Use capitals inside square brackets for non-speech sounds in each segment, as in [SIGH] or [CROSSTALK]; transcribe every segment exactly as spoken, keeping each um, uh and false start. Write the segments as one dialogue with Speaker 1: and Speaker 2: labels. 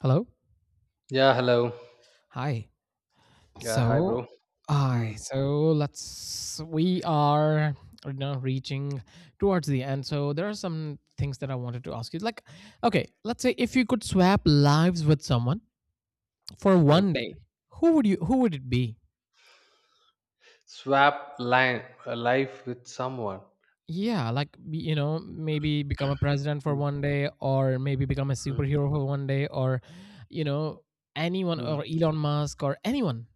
Speaker 1: Hello.
Speaker 2: Yeah, hello.
Speaker 1: Hi.
Speaker 2: Yeah, hi,
Speaker 1: So,
Speaker 2: bro.
Speaker 1: hi.
Speaker 2: Mm,
Speaker 1: So let's. We are you know reaching towards the end. So there are some things that I wanted to ask you. Like, okay, let's say if you could swap lives with someone for one
Speaker 2: okay.
Speaker 1: day, who would you? who would it be?
Speaker 2: Swap line a life with someone.
Speaker 1: Yeah, like be- you know, maybe become a president for
Speaker 2: Mm,
Speaker 1: one day, or maybe become a
Speaker 2: mm,
Speaker 1: superhero for one day, or you know, anyone, or
Speaker 2: mm.
Speaker 1: Elon Musk, or anyone.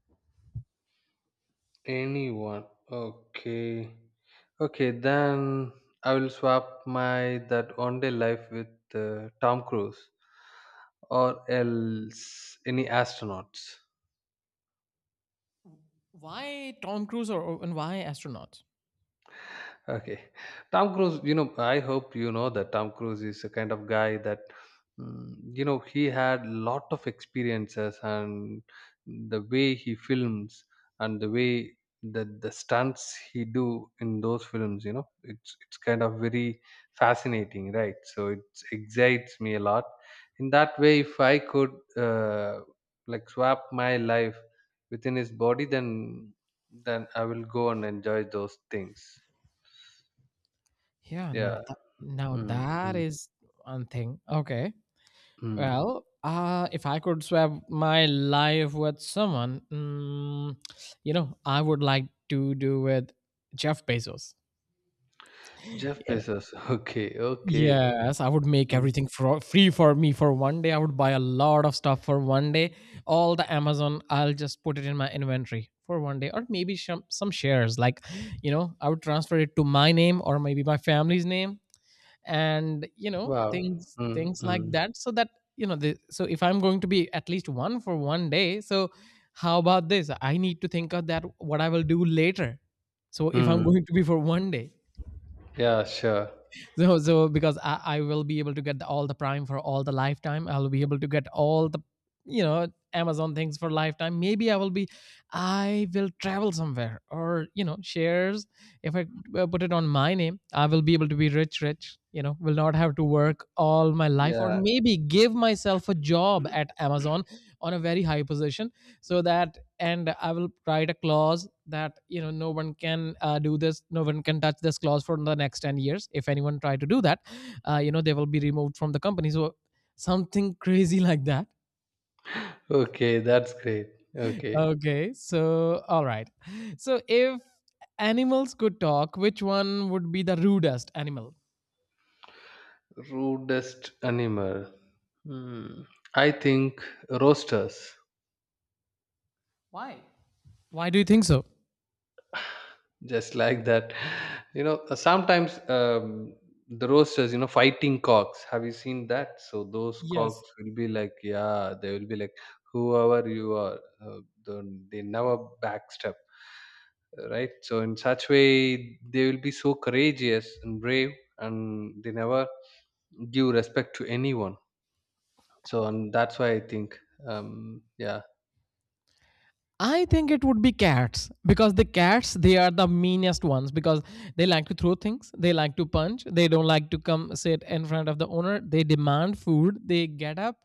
Speaker 2: Anyone. Okay. Okay, then I will swap my that one day life with uh, Tom Cruise or else any astronauts.
Speaker 1: Why Tom Cruise, or or- and why astronaut?
Speaker 2: Okay. Tom Cruise, you know, I hope you know that Tom Cruise is a kind of guy that, mm, you know, he had lot of experiences and the way he films and the way the the stunts he do in those films, you know, it's it's kind of very fascinating, right? So it excites me a lot. In that way, if I could uh, like swap my life within his body, then then I will go and enjoy those things.
Speaker 1: Yeah, no,
Speaker 2: Yeah.
Speaker 1: th- now
Speaker 2: Mm,
Speaker 1: that
Speaker 2: mm,
Speaker 1: is one thing. Okay.
Speaker 2: mm.
Speaker 1: Well, uh, if I could swap my life with someone, mm, you know, I would like to do with Jeff Bezos.
Speaker 2: Jeff
Speaker 1: Yeah.
Speaker 2: Bezos. [LAUGHS] Okay, okay.
Speaker 1: Yes, I would make
Speaker 2: Mm.
Speaker 1: everything for, free for me for one day. I would buy a lot of stuff for one day. All the Amazon, I'll just put it in my inventory for one day, or maybe some some shares. Like, you know, I would transfer it to my name or maybe my family's name and you know
Speaker 2: Wow.
Speaker 1: things
Speaker 2: Mm,
Speaker 1: things like
Speaker 2: mm,
Speaker 1: that, so that you know the, so if I'm going to be at least one for one day, so how about this, I need to think of that what I will do later. So if I'm
Speaker 2: mm.
Speaker 1: going to be for one day,
Speaker 2: Yeah, sure.
Speaker 1: so so because I, I will be able to get the, all the prime for all the lifetime, I'll be able to get all the you know Amazon things for lifetime. Maybe I will be, I will travel somewhere, or you know shares, if I uh, put it on my name, I will be able to be rich rich you know will not have to work all my life, or
Speaker 2: Yeah.
Speaker 1: maybe give myself a job at Amazon on a very high position. So that, and I will write a clause that you know no one can uh, do this, no one can touch this clause for the next ten years. If anyone try to do that, uh, you know they will be removed from the company. So something [LAUGHS] crazy like that.
Speaker 2: Okay, that's great. Okay.
Speaker 1: Okay, so all right. So if animals could talk, which one would be the rudest animal?
Speaker 2: Rudest animal. Hmm. I think roasters.
Speaker 1: Why? Why do you think so?
Speaker 2: Just like that, [LAUGHS] you know, uh, sometimes, um, the roasters, you know, fighting cocks, have you seen that? So those
Speaker 1: Yes.
Speaker 2: cocks will be like, yeah, they will be like, whoever you are, uh, do they never backstep, right? So in such way they will be so courageous and brave, and they never give respect to anyone. So and that's why I think, um yeah.
Speaker 1: I think it would be cats, because the cats, they are the meanest ones, because they like to throw things, they like to punch, they don't like to come sit in front of the owner, they demand food, they get up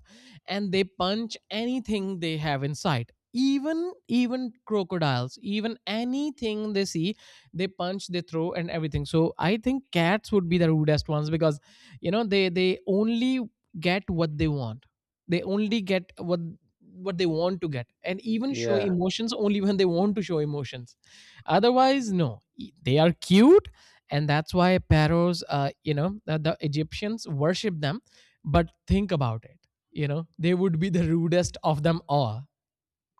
Speaker 1: and they punch anything they have in sight. Even even crocodiles, even anything they see, they punch, they throw and everything. So I think cats would be the rudest ones, because you know they they only get what they want. They only get what what they want to get, and even show
Speaker 2: Yeah,
Speaker 1: emotions [LAUGHS] only when they want to show emotions, otherwise no E- they are cute, and that's why pharaohs, uh, you know, the, the Egyptians worship them, but think about it, you know, they would be the rudest of them all.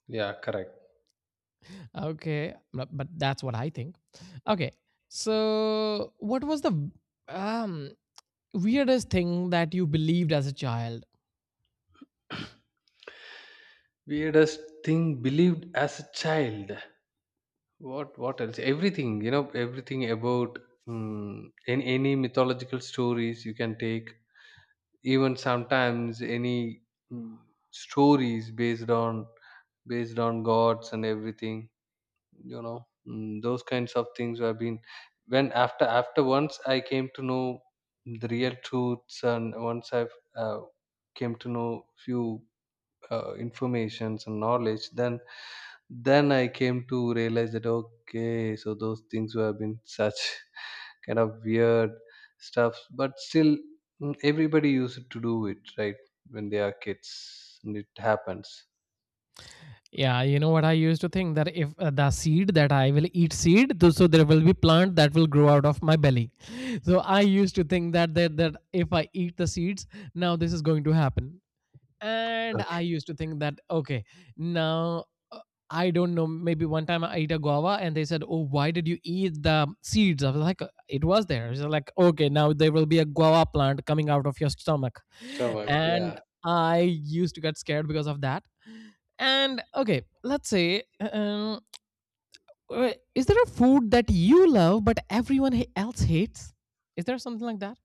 Speaker 2: yeah, correct.
Speaker 1: Okay, but but that's what I think. Okay, so what was the um weirdest thing that you believed as a child?
Speaker 2: Weirdest thing believed as a child. What what else? Everything, you know, everything about, mm, any any mythological stories you can take. Even sometimes any, mm, stories based on based on gods and everything. You know, mm, those kinds of things have been. When after after once I came to know the real truths, and once I've uh, came to know few uh, informations and knowledge, then then I came to realize that okay, so those things were been such [LAUGHS] kind of weird stuff, but still mm, everybody used to do it, right? When they are kids, and it happens.
Speaker 1: Yeah, you know what, I used to think that if uh, the seed that I will eat seed, th- so there will be plant that will grow out of my belly. [LAUGHS] So I used to think that that that if I eat the seeds, now this is going to happen. And
Speaker 2: Okay.
Speaker 1: I used to think that okay, now uh, I don't know. Maybe one time I ate a guava, and they said, "Oh, why did you eat the seeds?" I was like, "Uh, it was there." So like, okay, now there will be a guava plant coming out of your stomach,
Speaker 2: Stomach,
Speaker 1: and
Speaker 2: yeah.
Speaker 1: I used to get scared because of that. And okay, let's say, uh, um, uh, is there a food that you love but everyone ha- else hates? Is there something like that?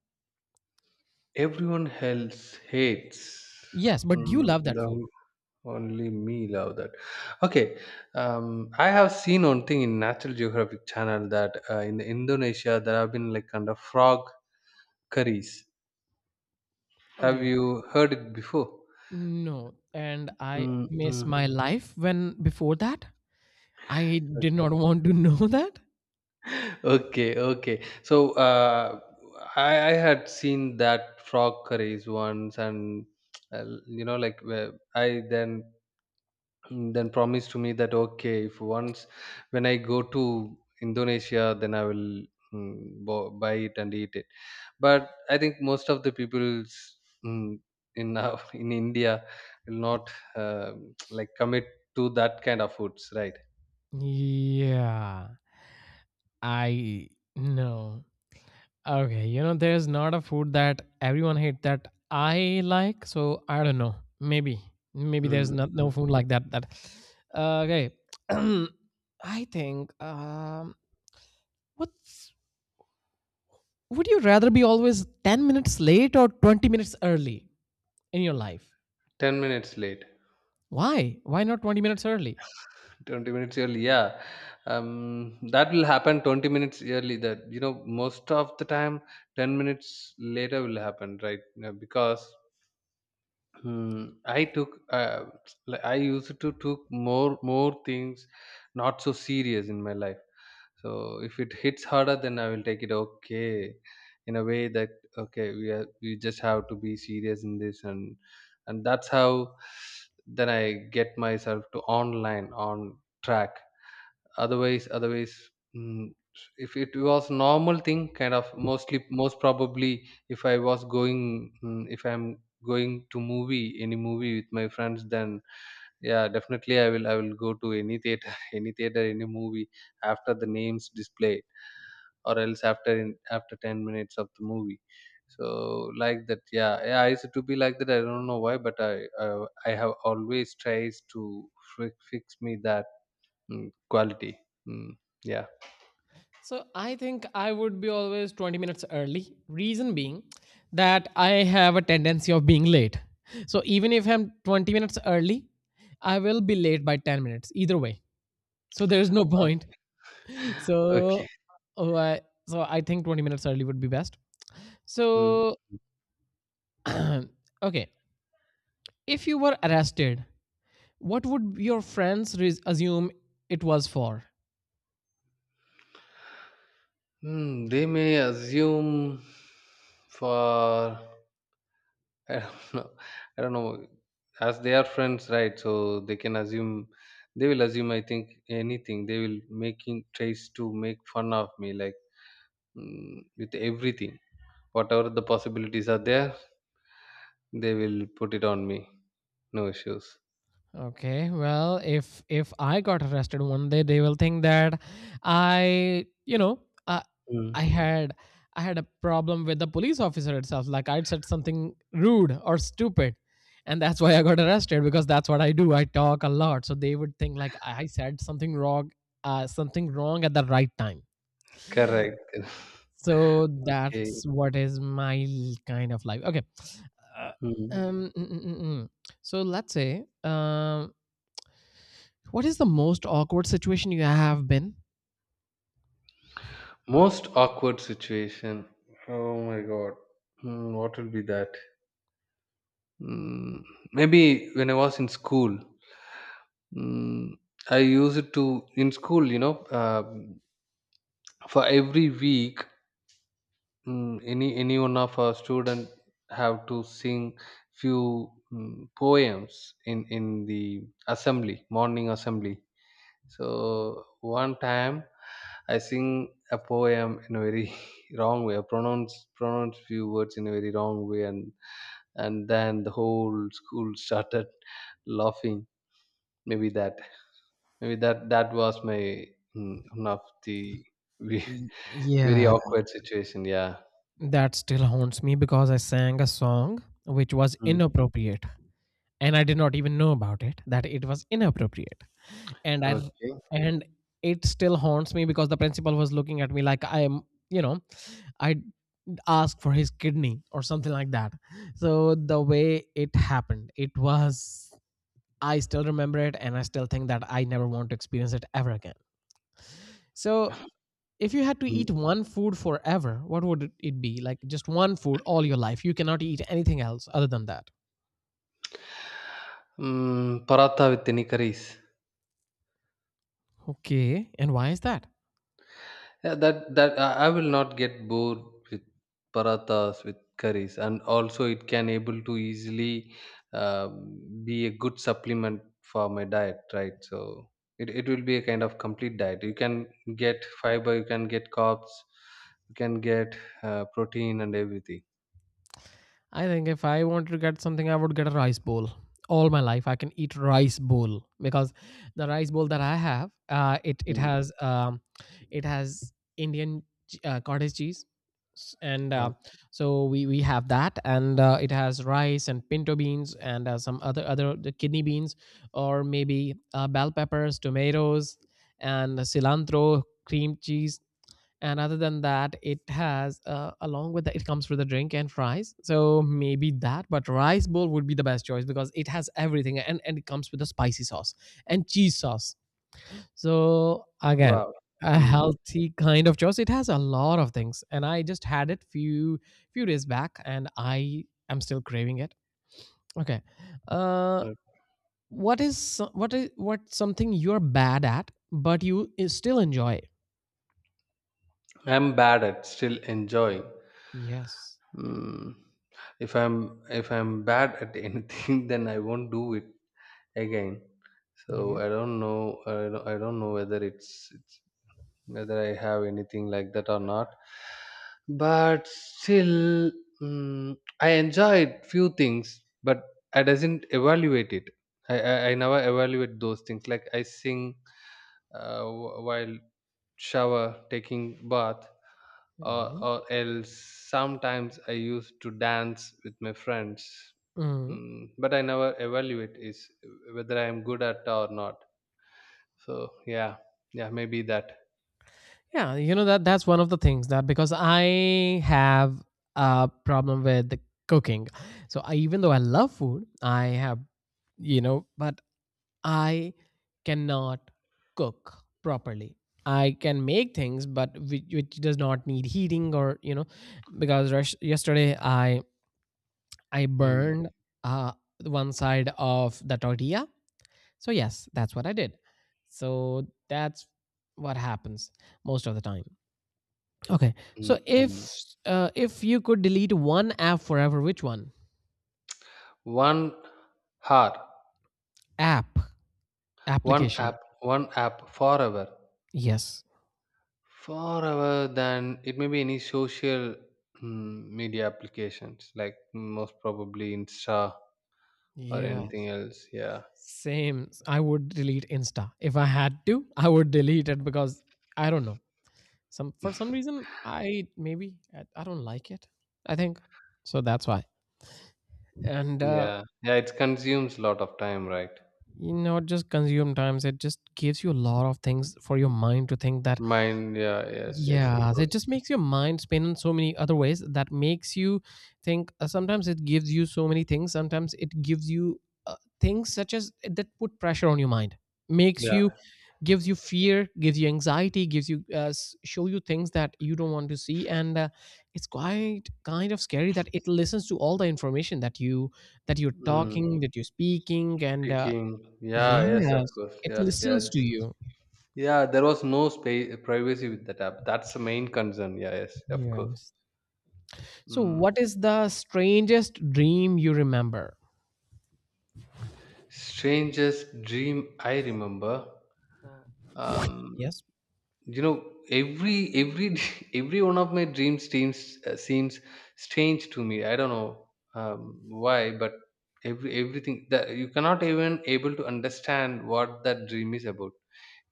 Speaker 2: Everyone else hates.
Speaker 1: Yes, but do you
Speaker 2: Mm,
Speaker 1: love that food?
Speaker 2: no, only me love that. Okay, um, I have seen one thing in Natural Geographic channel that uh, in Indonesia there have been like kind of frog curries.
Speaker 1: Oh
Speaker 2: Have
Speaker 1: dear.
Speaker 2: you heard it before?
Speaker 1: No, and I
Speaker 2: Mm,
Speaker 1: miss
Speaker 2: mm,
Speaker 1: my life when before that. I did not [LAUGHS]
Speaker 2: okay.
Speaker 1: want to know that.
Speaker 2: Okay, okay. So uh, I I had seen that frog curries once, and uh, you know, like where I then then promised to me that okay, if once when I go to Indonesia, then I will mm, bo- buy it and eat it. But I think most of the people mm, in our- [LAUGHS] in India will not uh, [TSK] like commit to that kind of foods, right?
Speaker 1: Yeah, I know. Okay, you know, there's not a food that everyone hate that I like. So I don't know. Maybe, maybe there's
Speaker 2: Mm,
Speaker 1: not no
Speaker 2: mm.
Speaker 1: food like that. That uh, okay. [CLEARS THROAT] I think. Um, what's would you rather be always ten minutes late or twenty minutes early in your life?
Speaker 2: Ten minutes late.
Speaker 1: Why? Why not twenty minutes early?
Speaker 2: twenty minutes early, yeah. Um, that will happen twenty minutes early, that you know most of the time ten minutes later will happen, right? You know, because hmm, I took uh, like I used to took more more things not so serious in my life. So if it hits harder then I will take it, okay, in a way that okay we are we just have to be serious in this, and and that's how then I get myself to online on track. Otherwise otherwise mm, if it was normal thing kind of mostly most probably if I was going, mm, if I'm going to movie any movie with my friends then yeah definitely i will i will go to any theater, [LAUGHS] any theater any movie after the names displayed, or else after in, after ten minutes of the movie. So like that, yeah, yeah, I used to be like that. I don't know why but i i, I have always tries to fi- fix me that. Mm, quality. Mm, yeah.
Speaker 1: So I think I would be always twenty minutes early. Reason being that I have a tendency of being late. So even if I'm twenty minutes early, I will be late by ten minutes either way. So there's no
Speaker 2: Uh,
Speaker 1: point. [LAUGHS]
Speaker 2: okay.
Speaker 1: So oh, I, so I think twenty minutes early would be best.
Speaker 2: Mm.
Speaker 1: So [CLEARS THROAT] okay, if you were arrested, what would your friends res- assume it was for?
Speaker 2: Hmm, they may assume for [LAUGHS] I don't know. I don't know. As they are friends, right? So they can assume. They will assume. I think anything. They will making tries to make fun of me, like mm, with everything. Whatever the possibilities are there, they will put it on me. No issues.
Speaker 1: Okay, well, if if I got arrested one day, they will think that I, you know, I I
Speaker 2: Mm.
Speaker 1: had I had a problem with the police officer itself. Like I'd said something rude or stupid, and that's why I got arrested, because that's what I do. I talk a lot, so they would think like I said something wrong, uh, something wrong at the right time.
Speaker 2: Correct. [LAUGHS]
Speaker 1: So
Speaker 2: Okay.
Speaker 1: that's what is my l- kind of life. Okay, uh,
Speaker 2: Hmm.
Speaker 1: um, mm, mm, mm, mm. So let's say, um what is the most awkward situation you have been?
Speaker 2: Most awkward situation. Oh my god. Hmm, what will be that? Mm, maybe when I was in school, mm, I used to in school. You know, um for every week, mm, any any one of our student have to sing few mm, poems in in the assembly, morning assembly. So one time I sing a poem in a very [LAUGHS] wrong way. I pronounce pronounce few words in a very wrong way, and and then the whole school [LAUGHS] started laughing. Maybe that maybe that that was my mm, one of the ve-
Speaker 1: Y-
Speaker 2: [LAUGHS] very
Speaker 1: Yeah.
Speaker 2: awkward situation. Yeah.
Speaker 1: That still haunts me because I sang a song which was
Speaker 2: Mm.
Speaker 1: inappropriate, and I did not even know about it, that it was inappropriate. And I r-
Speaker 2: Okay.
Speaker 1: and it still haunts me because the principal was looking at me like I am, you know, I asked for his kidney or something like that. So the way it happened, it was, I still remember it and I still think that I never want to experience it ever again. So if you had to
Speaker 2: Mm.
Speaker 1: eat one food forever, what would it be? Like just one food all your life. You cannot eat anything else other than that.
Speaker 2: Mm, paratha with any curries.
Speaker 1: Okay. And why is that?
Speaker 2: Yeah, that that I I will not get bored with parathas with curries, and also it can able to easily um, be a good supplement for my diet, right? So it, it will be a kind of complete diet. You can get fiber, you can get carbs, you can get uh, protein and everything.
Speaker 1: I think if I wanted to get something, I would get a rice bowl. All my life, I can eat rice bowl, because the rice bowl that I have, uh, it it
Speaker 2: Mm.
Speaker 1: has um, it has Indian ch- uh, cottage cheese, S- and uh,
Speaker 2: Uh,
Speaker 1: so we we have that, and uh, it has rice and pinto beans and uh, some other other the kidney beans, or maybe uh, bell peppers, tomatoes, and cilantro, cream cheese, and other than that it has uh, along with that, it comes with a drink and fries. So maybe that, but rice bowl would be the best choice because it has everything, and, and it comes with a spicy sauce and cheese sauce, so again
Speaker 2: wow.
Speaker 1: a
Speaker 2: Mm.
Speaker 1: healthy kind of choice. It has a lot of things, and I just had it few few days back and I am still craving it. Okay, uh
Speaker 2: Uh,
Speaker 1: what is so- what is, what something you're bad at but you i- still enjoy?
Speaker 2: I'm bad at still enjoying.
Speaker 1: Yes.
Speaker 2: Mm. If I'm if I'm bad at anything, [LAUGHS] then I won't do it. Again, so
Speaker 1: Okay.
Speaker 2: I don't know, i don't, I don't know whether it's, it's whether I have anything like that or not, but still mm, I enjoyed few things but I doesn't evaluate it. I, I I never evaluate those things, like I sing uh, wh- while shower, taking bath, or, or else sometimes I used to dance with my friends.
Speaker 1: Mm.
Speaker 2: Mm, but I never evaluate is whether I am good at or not. So yeah, yeah, maybe that.
Speaker 1: Yeah, you know, that that's one of the things, that because I have a problem with the cooking. So I, even though I love food, I have, you know, but I cannot cook properly. I can make things, but which, which does not need heating, or you know, because rush, yesterday I I
Speaker 2: Mm,
Speaker 1: burned uh one side of the tortilla. So yes, that's what I did. So that's what happens most of the time. Okay. So
Speaker 2: mm, mm.
Speaker 1: if uh, if you could delete one app forever, which one?
Speaker 2: One heart,
Speaker 1: App,
Speaker 2: one
Speaker 1: application.
Speaker 2: app, one app forever,
Speaker 1: Yes.
Speaker 2: forever. Than it may be any social mm, media applications like most probably Insta or
Speaker 1: Yeah.
Speaker 2: anything
Speaker 1: Yes.
Speaker 2: else. Yeah.
Speaker 1: Same. I would delete Insta if I had to. I would delete it because I don't know. Some, for some
Speaker 2: [LAUGHS]
Speaker 1: reason, I, maybe I, I don't like it. I think so. That's why. And uh,
Speaker 2: Yeah. Yeah, it consumes a lot of time, right?
Speaker 1: you know, just consume times. It just gives you a lot of things for your mind to think that.
Speaker 2: Mind, yeah, yes, yes,
Speaker 1: Yeah,
Speaker 2: of
Speaker 1: so it
Speaker 2: course.
Speaker 1: just makes your mind spin in so many other ways that makes you think. Uh, sometimes it gives you so many things. Sometimes it gives you uh, things such as eh, that put pressure on your mind, makes
Speaker 2: Yeah.
Speaker 1: you, gives you fear, gives you anxiety, gives you, uh, s- show you things that you don't want to see, and uh, it's quite kind of scary that it listens to all the information that you, that you're
Speaker 2: Mm.
Speaker 1: talking, that you're speaking, and uh,
Speaker 2: Speaking, yeah, yes, of
Speaker 1: yes,
Speaker 2: course.
Speaker 1: it
Speaker 2: Yeah, yeah,
Speaker 1: listens to
Speaker 2: it's-
Speaker 1: you.
Speaker 2: Yeah, there was no space privacy with that app. That's the main concern. Yeah, yes, of course.
Speaker 1: Yes. So,
Speaker 2: Mm.
Speaker 1: what is the strangest dream you remember?
Speaker 2: Strangest dream I remember. Um,
Speaker 1: Yes.
Speaker 2: you know every every [LAUGHS] every one of my dreams teams uh, seems strange to me, I don't know um, why, but every everything that you cannot even able to understand what that dream is about,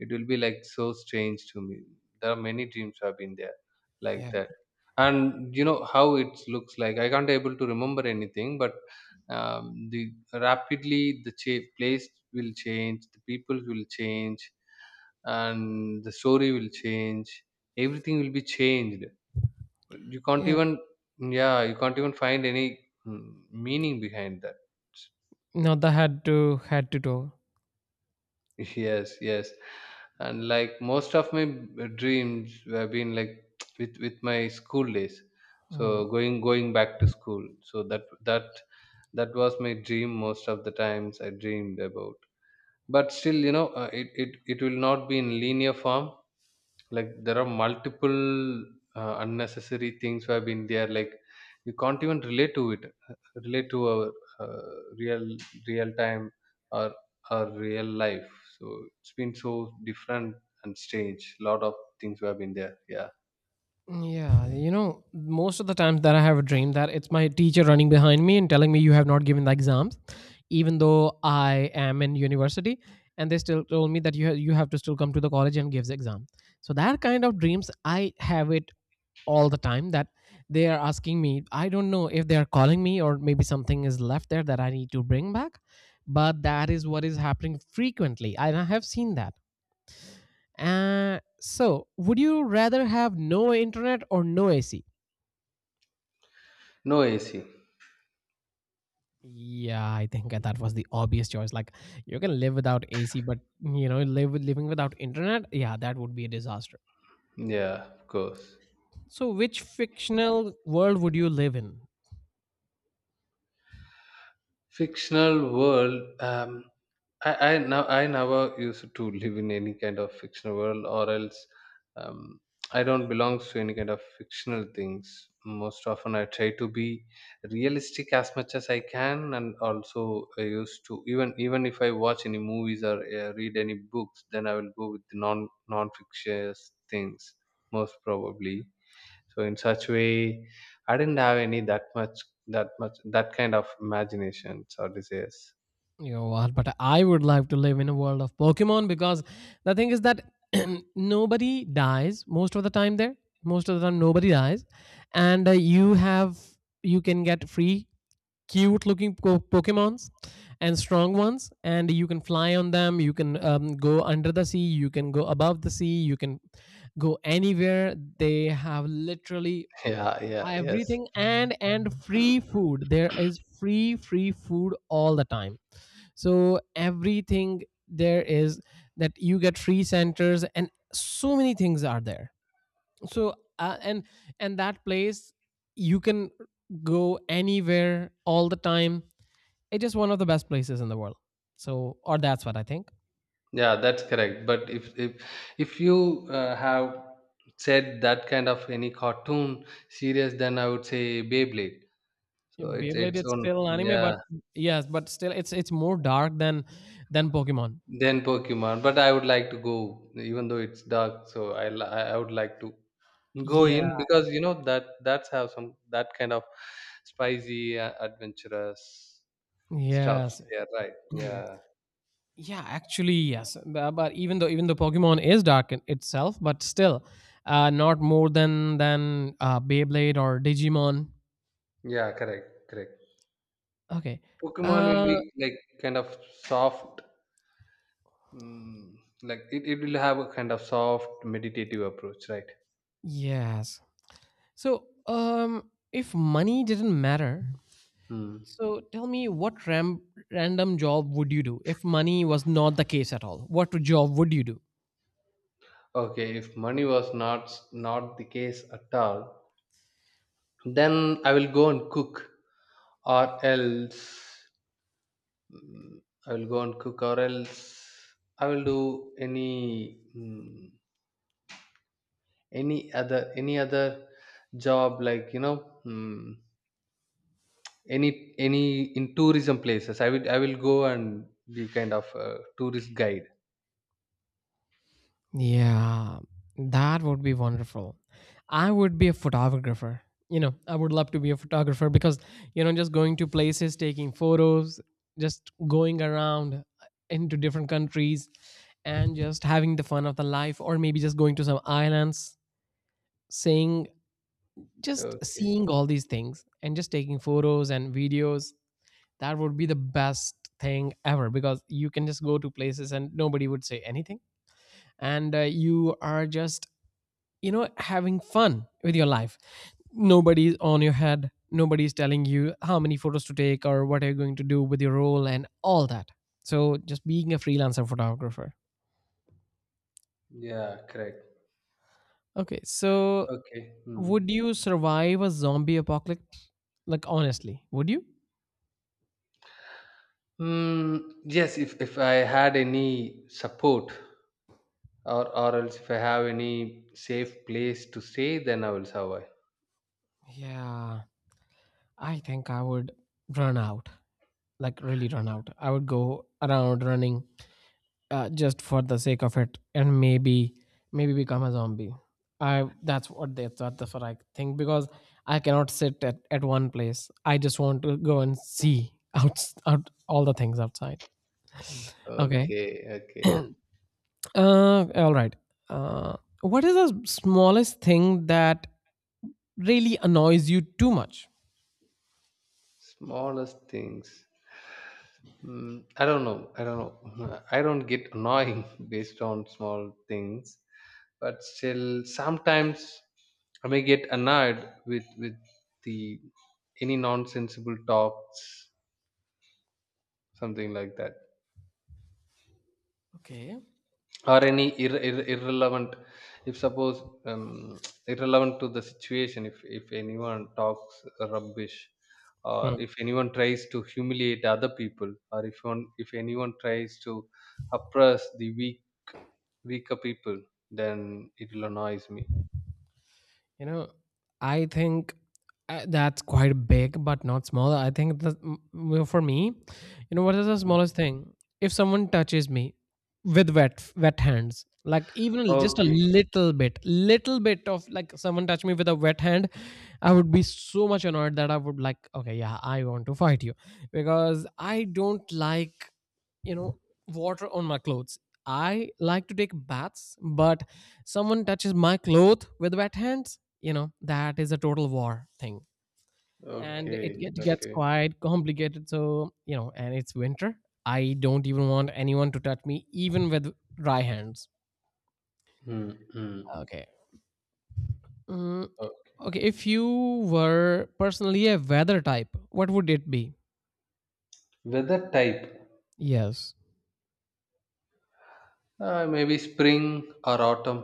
Speaker 2: it will be like so strange to me. There are many dreams have been there like
Speaker 1: Yeah.
Speaker 2: that, and you know how it looks like I can't able to remember anything, but um, the rapidly the cha- place will change, the people will change, and the story will change, everything will be changed, you can't
Speaker 1: Yeah,
Speaker 2: even yeah you can't even find any mm, meaning behind that.
Speaker 1: not the had to had to do.
Speaker 2: [LAUGHS] Yes, yes, and like most of my b- dreams have been like [TSK] with with my school days, so
Speaker 1: Mm.
Speaker 2: going going back to school. So that that that was my dream most of the times I dreamed about, but still you know uh, it, it it will not be in linear form. Like there are multiple uh, unnecessary things who have been there. Like you can't even relate to it, uh, relate to our uh, real real time or our real life. So it's been so different and strange. Lot of things who have been there. Yeah,
Speaker 1: Yeah, you know, most of the times that I have a dream, that it's my teacher running behind me and telling me you have not given the exams, even though I am in university, and they still told me that you ha- you have to still come to the college and give the exam. So that kind of dreams I have it all the time that they are asking me. I don't know if they are calling me or maybe something is left there that I need to bring back, but that is what is happening frequently. And I have seen that. Uh, so, would you rather have no internet or no A C?
Speaker 2: no A C.
Speaker 1: Yeah, I think that was the obvious choice. Like, you can live without A C, but you know, live with living without internet, yeah, that would be a disaster.
Speaker 2: Yeah, of course.
Speaker 1: So, which fictional world would you live in?
Speaker 2: Fictional world. Um, I I now I never used to live in any kind of fictional world, or else um, I don't belong to any kind of fictional things. Most often, I try to be realistic as much as I can, and also I used to even even if I watch any movies or uh, read any books, then I will go with non non fictitious things most probably. So in such way, I didn't have any that much that much that kind of imaginations or desires. [LAUGHS]
Speaker 1: You know what? But I would like to live in a world of Pokemon because the thing is that [CLEARS THROAT] nobody dies most of the time there. Most of the time, nobody dies, and uh, you have you can get free cute looking po- Pokemons and strong ones, and you can fly on them. You can um, go under the sea. You can go above the sea. You can go anywhere. They have literally
Speaker 2: Yeah, yeah, yes.
Speaker 1: everything and and free food. There is free free food all the time, so everything there is, that you get free centers, and so many things are there. So uh, and and that place, you can go anywhere all the time. It's just one of the best places in the world, so, or that's what I think.
Speaker 2: Yeah, that's correct. But if if if you uh, have said that kind of any cartoon series, then I would say Beyblade. So
Speaker 1: In
Speaker 2: it's
Speaker 1: Beyblade,
Speaker 2: its
Speaker 1: it's
Speaker 2: own,
Speaker 1: still anime, but
Speaker 2: yeah.
Speaker 1: yes, but still, it's it's more dark than than Pokemon.
Speaker 2: Then Pokemon, but I would like to go, even though it's dark. So I li- I I would like to go
Speaker 1: Yeah,
Speaker 2: in because you know that that's have some that kind of spicy, uh, adventurous. Stops.
Speaker 1: yes.
Speaker 2: Yeah, right.
Speaker 1: [CLEARS THROAT]
Speaker 2: Yeah,
Speaker 1: Yeah, actually, yes. Bu- But even though even though Pokemon is dark in itself, but still, uh, not more than than uh, Beyblade or Digimon.
Speaker 2: yeah, correct, correct.
Speaker 1: Okay.
Speaker 2: Pokemon will
Speaker 1: Uh,
Speaker 2: be like kind of soft, mm, like it, it will have a kind of soft meditative approach, right?
Speaker 1: yes. So, um, if money didn't matter,
Speaker 2: Hmm.
Speaker 1: so tell me what ram- random job would you do if money was not the case at all? What job would you do?
Speaker 2: Okay, if money was not not the case at all, then I will go and cook, or else mm, I will go and cook, or else I will do any mm, any other any other job like you know. mm any any in tourism places i will i will go and be kind of a tourist guide.
Speaker 1: Yeah, that would be wonderful. I would be a photographer. You know, I would love to be a photographer because, you know, just going to places, taking photos, just going around into different countries and just having the fun of the life, or maybe just going to some islands, saying, just
Speaker 2: Okay.
Speaker 1: seeing all these things and just taking photos and videos. That would be the best thing ever because you can just go to places and nobody would say anything, and uh, you are just, you know, having fun with your life, nobody's on your head, nobody's telling you how many photos to take or what are you going to do with your role and all that. So just being a freelancer photographer.
Speaker 2: Yeah, correct.
Speaker 1: Okay, so
Speaker 2: Okay. Hmm.
Speaker 1: would you survive a zombie apocalypse, like, honestly, would you?
Speaker 2: Hmm, yes, if if I had any support or or else if I have any safe place to stay, then I will survive.
Speaker 1: Yeah, I think I would run out, like really run out. I would go around running, uh, just for the sake of it, and maybe maybe become a zombie. I that's what they thought That's what I think, because I cannot sit at, at one place. I just want to go and see out, out all the things outside. Okay.
Speaker 2: Okay. Okay.
Speaker 1: Uh, all right. Uh, what is the smallest thing that really annoys you too much?
Speaker 2: Smallest things. Mm, I don't know. I don't know. [LAUGHS] I don't get annoying [LAUGHS] based on small things, but still, sometimes I may get annoyed with with the any nonsensible talks, something like that,
Speaker 1: Okay.
Speaker 2: or any ir- ir- irrelevant. If suppose um, [TSK] irrelevant to the situation, if if anyone talks rubbish, or if anyone tries to humiliate other people, or if one if anyone tries to oppress the weak weaker people, then it will annoys me.
Speaker 1: You know, I think uh, that's quite big, but not small. I think that, mm, well, for me, you know, what is the smallest
Speaker 2: Mm.
Speaker 1: thing? If someone touches me with wet wet hands, like even l- just a
Speaker 2: Okay.
Speaker 1: little bit, little bit of like someone touch me with a wet hand, I would be so much annoyed that I would, like, okay, yeah, I want to fight you because I don't like, you know, water on my clothes. I like to take baths, but someone touches my clothes with wet hands, you know, that is a total war thing, and it,
Speaker 2: Okay,
Speaker 1: get, gets
Speaker 2: okay.
Speaker 1: quite complicated. So, you know, and it's winter, I don't even want anyone to touch me even with dry hands.
Speaker 2: Mm, mm.
Speaker 1: Okay. Mm,
Speaker 2: Uh,
Speaker 1: okay, if you were personally a weather type, what would it be?
Speaker 2: Weather type,
Speaker 1: Yes.
Speaker 2: uh, maybe spring or autumn.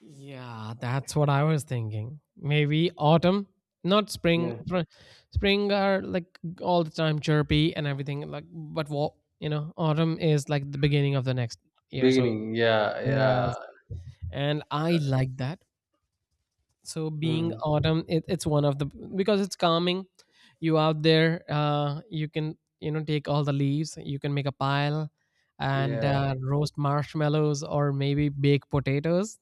Speaker 1: Yeah, that's what I was thinking, maybe autumn, not spring.
Speaker 2: Yeah.
Speaker 1: Fr- spring are like all the time chirpy and everything, like, but what, you know, autumn is like the beginning of the next year, so.
Speaker 2: Beginning, yeah, yeah.
Speaker 1: Yes, and I
Speaker 2: That's
Speaker 1: like that. So being
Speaker 2: mm,
Speaker 1: autumn, it, it's one of the, because it's calming. You out there, uh, you can, you know, take all the leaves. You can make a pile and
Speaker 2: yeah,
Speaker 1: uh, roast marshmallows or maybe bake potatoes.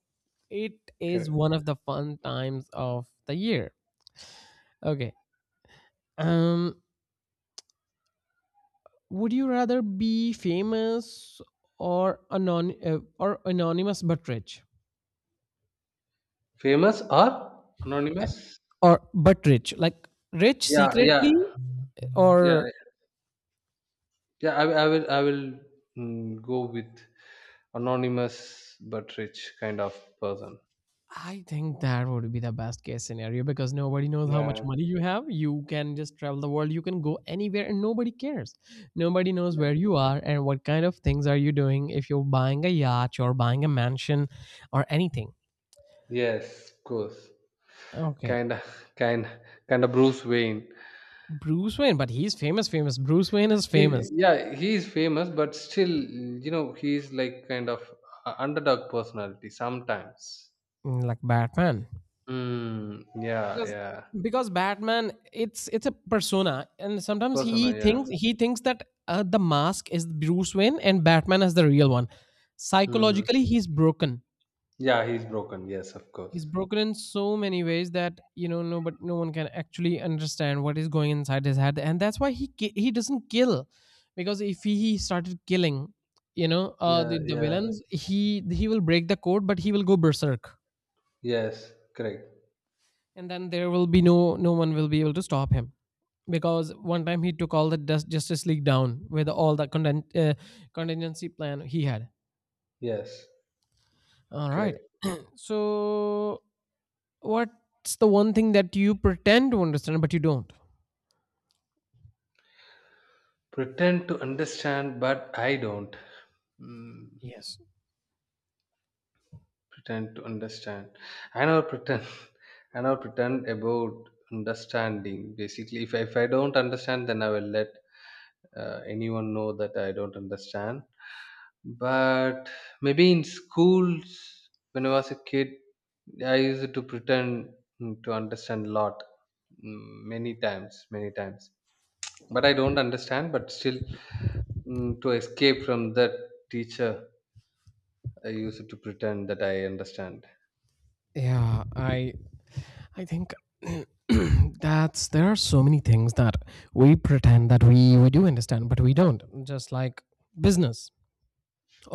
Speaker 1: It is
Speaker 2: correct.
Speaker 1: one of the fun times of the year. Okay. Um, would you rather be famous or anon uh, or anonymous but rich?
Speaker 2: Famous or anonymous?
Speaker 1: Or but rich, like rich
Speaker 2: Yeah, yeah,
Speaker 1: secretly,
Speaker 2: yeah,
Speaker 1: or?
Speaker 2: yeah. I, will- I will, I will mm, go with anonymous but rich kind of person.
Speaker 1: I think that would be the best case scenario because nobody knows how much
Speaker 2: Yeah.
Speaker 1: money you have. You can just travel the world. You can go anywhere and nobody cares. Nobody knows
Speaker 2: Yeah.
Speaker 1: where you are and what kind of things are you doing, if you're buying a yacht or buying a mansion or anything.
Speaker 2: Yes, of course.
Speaker 1: Okay.
Speaker 2: Kinda, kind, Kinda Bruce Wayne.
Speaker 1: Bruce Wayne, but he's famous, famous. Bruce Wayne is famous,
Speaker 2: He, yeah, he is famous, but still, you know, he's like kind of a underdog personality sometimes.
Speaker 1: mm, like Batman.
Speaker 2: Mm, yeah,
Speaker 1: Because
Speaker 2: yeah.
Speaker 1: because Batman, it's it's a persona, and sometimes
Speaker 2: Persona,
Speaker 1: he
Speaker 2: yeah.
Speaker 1: thinks, he thinks that uh, the mask is Bruce Wayne and Batman is the real one.
Speaker 2: Mm.
Speaker 1: Psychologically, he's broken.
Speaker 2: Yeah, he's broken. Yes, of
Speaker 1: He's
Speaker 2: course.
Speaker 1: broken in so many ways that, you know, no, but no one can actually understand what is going inside his head, and that's why he ki- he doesn't kill, because if he, he started killing, you know, uh
Speaker 2: Yeah,
Speaker 1: the, the
Speaker 2: yeah.
Speaker 1: villains, he he will break the code, but he will go berserk,
Speaker 2: Yes, correct.
Speaker 1: and then there will be no no one will be able to stop him, because one time he took all the Dust Justice League down with all the content, uh, contingency plan he had.
Speaker 2: Yes,
Speaker 1: All right.
Speaker 2: correct.
Speaker 1: So, what's the one thing that you pretend to understand but you don't?
Speaker 2: Pretend to understand, but I don't. Mm.
Speaker 1: Yes.
Speaker 2: Pretend to understand. I never pretend. [LAUGHS] I never pretend about understanding. Basically, if, I- if I don't understand, then I will let uh, anyone know that I don't understand. But maybe in schools when I was a kid, I used to pretend, mm, to understand a lot, mm, many times, many times but I don't understand. But still, mm, to escape from that teacher, I used to pretend that I understand.
Speaker 1: Yeah, I I think [CLEARS THROAT] that's, there are so many things that we pretend that we we do understand but we don't. Just like business,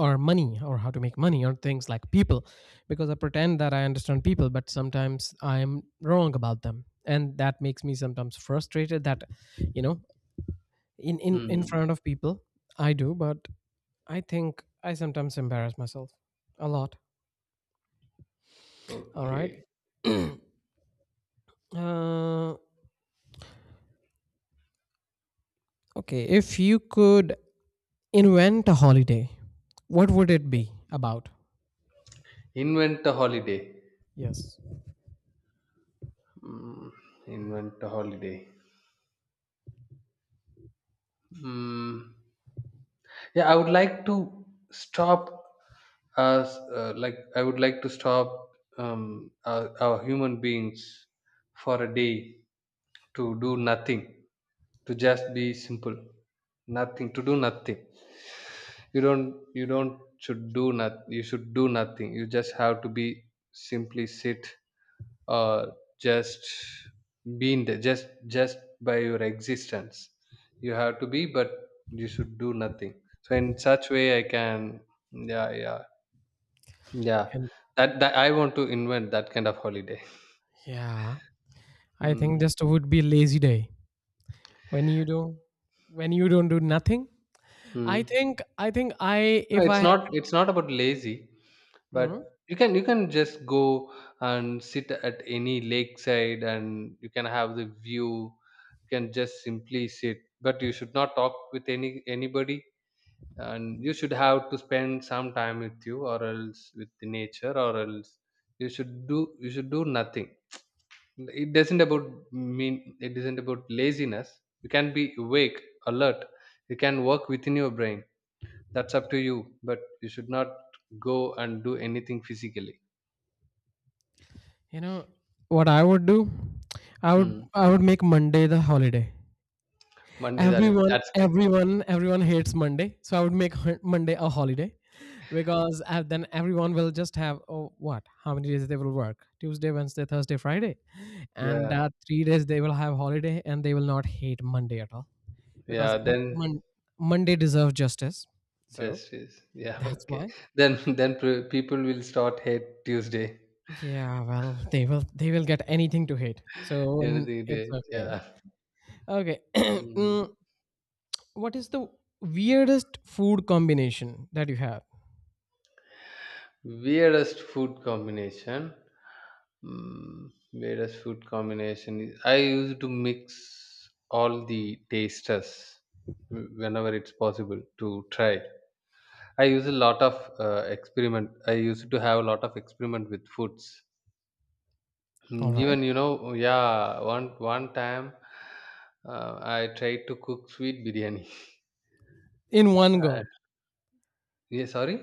Speaker 1: or money, or how to make money, or things like people, because I pretend that I understand people, but sometimes I am wrong about them, and that makes me sometimes frustrated that, you know, in in in
Speaker 2: Mm.
Speaker 1: front of people I do, but I think I sometimes embarrass myself a lot. All right.
Speaker 2: Okay.
Speaker 1: Uh, okay, if you could invent a holiday, what would it be about?
Speaker 2: Invent a holiday.
Speaker 1: Yes.
Speaker 2: Mm, Invent a holiday. Mm, yeah, I would like to stop us. Uh, like I would like to stop um, our, our human beings for a day to do nothing, to just be simple, nothing, to do nothing. You don't. You don't should do not. You should do nothing. You just have to be simply sit, or just being there, just just by your existence you have to be, but you should do nothing. So in such way I can, yeah, yeah, yeah,
Speaker 1: And
Speaker 2: that, that I want to invent that kind of holiday.
Speaker 1: yeah, I think
Speaker 2: Mm.
Speaker 1: just would be lazy day, when you do, when you don't do nothing. I
Speaker 2: Mm.
Speaker 1: think I think I
Speaker 2: No,
Speaker 1: if I
Speaker 2: it's
Speaker 1: had.
Speaker 2: not it's not about lazy, but
Speaker 1: Mhm.
Speaker 2: you can, you can just go and sit at any lakeside, and you can have the view. You can just simply sit, but you should not talk with any anybody, and you should have to spend some time with you, or else with the nature, or else you should do you should do nothing. It doesn't about mean it isn't about laziness. You can be awake, alert. You can work within your brain. That's up to you, but you should not go and do anything physically.
Speaker 1: You know what I would do, I would
Speaker 2: Hmm.
Speaker 1: I would make Monday the holiday.
Speaker 2: Mandidali,
Speaker 1: Everyone
Speaker 2: that's great.
Speaker 1: everyone everyone hates Monday, so I would make hun- Monday a holiday, because uh, then everyone will just have, oh, what, how many days they will work, Tuesday, Wednesday, Thursday, Friday, and
Speaker 2: Yeah,
Speaker 1: uh, three days they will have holiday, and they will not hate Monday at all, because
Speaker 2: yeah,
Speaker 1: m-
Speaker 2: then
Speaker 1: Mon- Monday deserves justice. So
Speaker 2: justice, yeah.
Speaker 1: that's
Speaker 2: Okay,
Speaker 1: why.
Speaker 2: then [LAUGHS] then pr- people will start hate Tuesday.
Speaker 1: Yeah, well, they will they will get anything to hate. So n-
Speaker 2: Anything
Speaker 1: it's
Speaker 2: day,
Speaker 1: okay.
Speaker 2: yeah.
Speaker 1: Okay. [CLEARS THROAT]
Speaker 2: Mm.
Speaker 1: Mm, what is the weirdest food combination that you have?
Speaker 2: Weirdest food combination. Mm, weirdest food combination. is- I used to mix all the tasters whenever it's possible to try. I use a lot of uh, experiment. I used to have a lot of experiment with foods.
Speaker 1: All
Speaker 2: Mm,
Speaker 1: right.
Speaker 2: even you know, yeah, one one time uh, I tried to cook sweet biryani. [LAUGHS]
Speaker 1: In one
Speaker 2: Uh,
Speaker 1: go.
Speaker 2: yeah, sorry.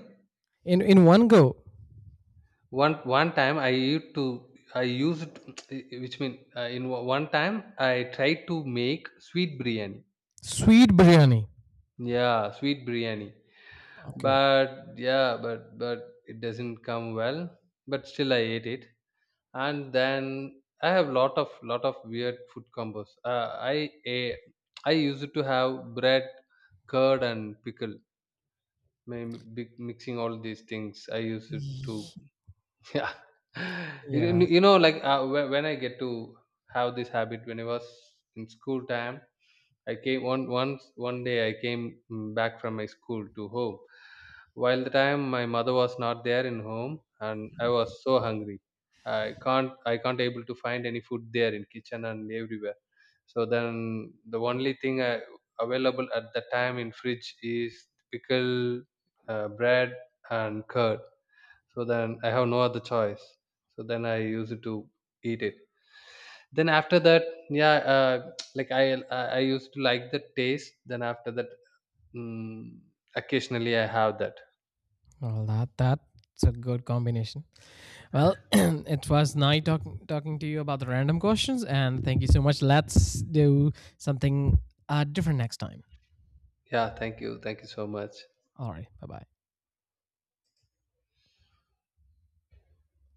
Speaker 1: In in one go.
Speaker 2: one One time I used to, I used [TSK] which mean uh, in o- one time I tried to make sweet biryani.
Speaker 1: Sweet biryani.
Speaker 2: Yeah, sweet biryani.
Speaker 1: Okay.
Speaker 2: But yeah but but it doesn't come well, but still I ate it. And then I have lot of lot of weird food combos. uh, i a- I used to have bread, curd, and pickle. Maybe mixing all these things, I used to. Yeah, [LAUGHS] you,
Speaker 1: Yeah.
Speaker 2: you know, like uh, whe- when I get to have this habit, when I was in school time, I came one once one day. I came mm, back from my school to home. While the time my mother was not there in home, and I was so hungry, I can't I can't able to find any food there in kitchen and everywhere. So then the only thing I, available at the time in fridge is pickle, uh, bread, and curd. So then I have no other choice, so then I used to eat it. Then after that, yeah, uh, [TSK] like i i I used to like the taste. Then after that, mm, occasionally I have that.
Speaker 1: Well, that that's a good combination. Well, [CLEARS THROAT] it was nice talking talking to you about the random questions, and thank you so much. Let's do something uh different next time.
Speaker 2: Yeah, thank you, thank you so much.
Speaker 1: All right. Bye-bye.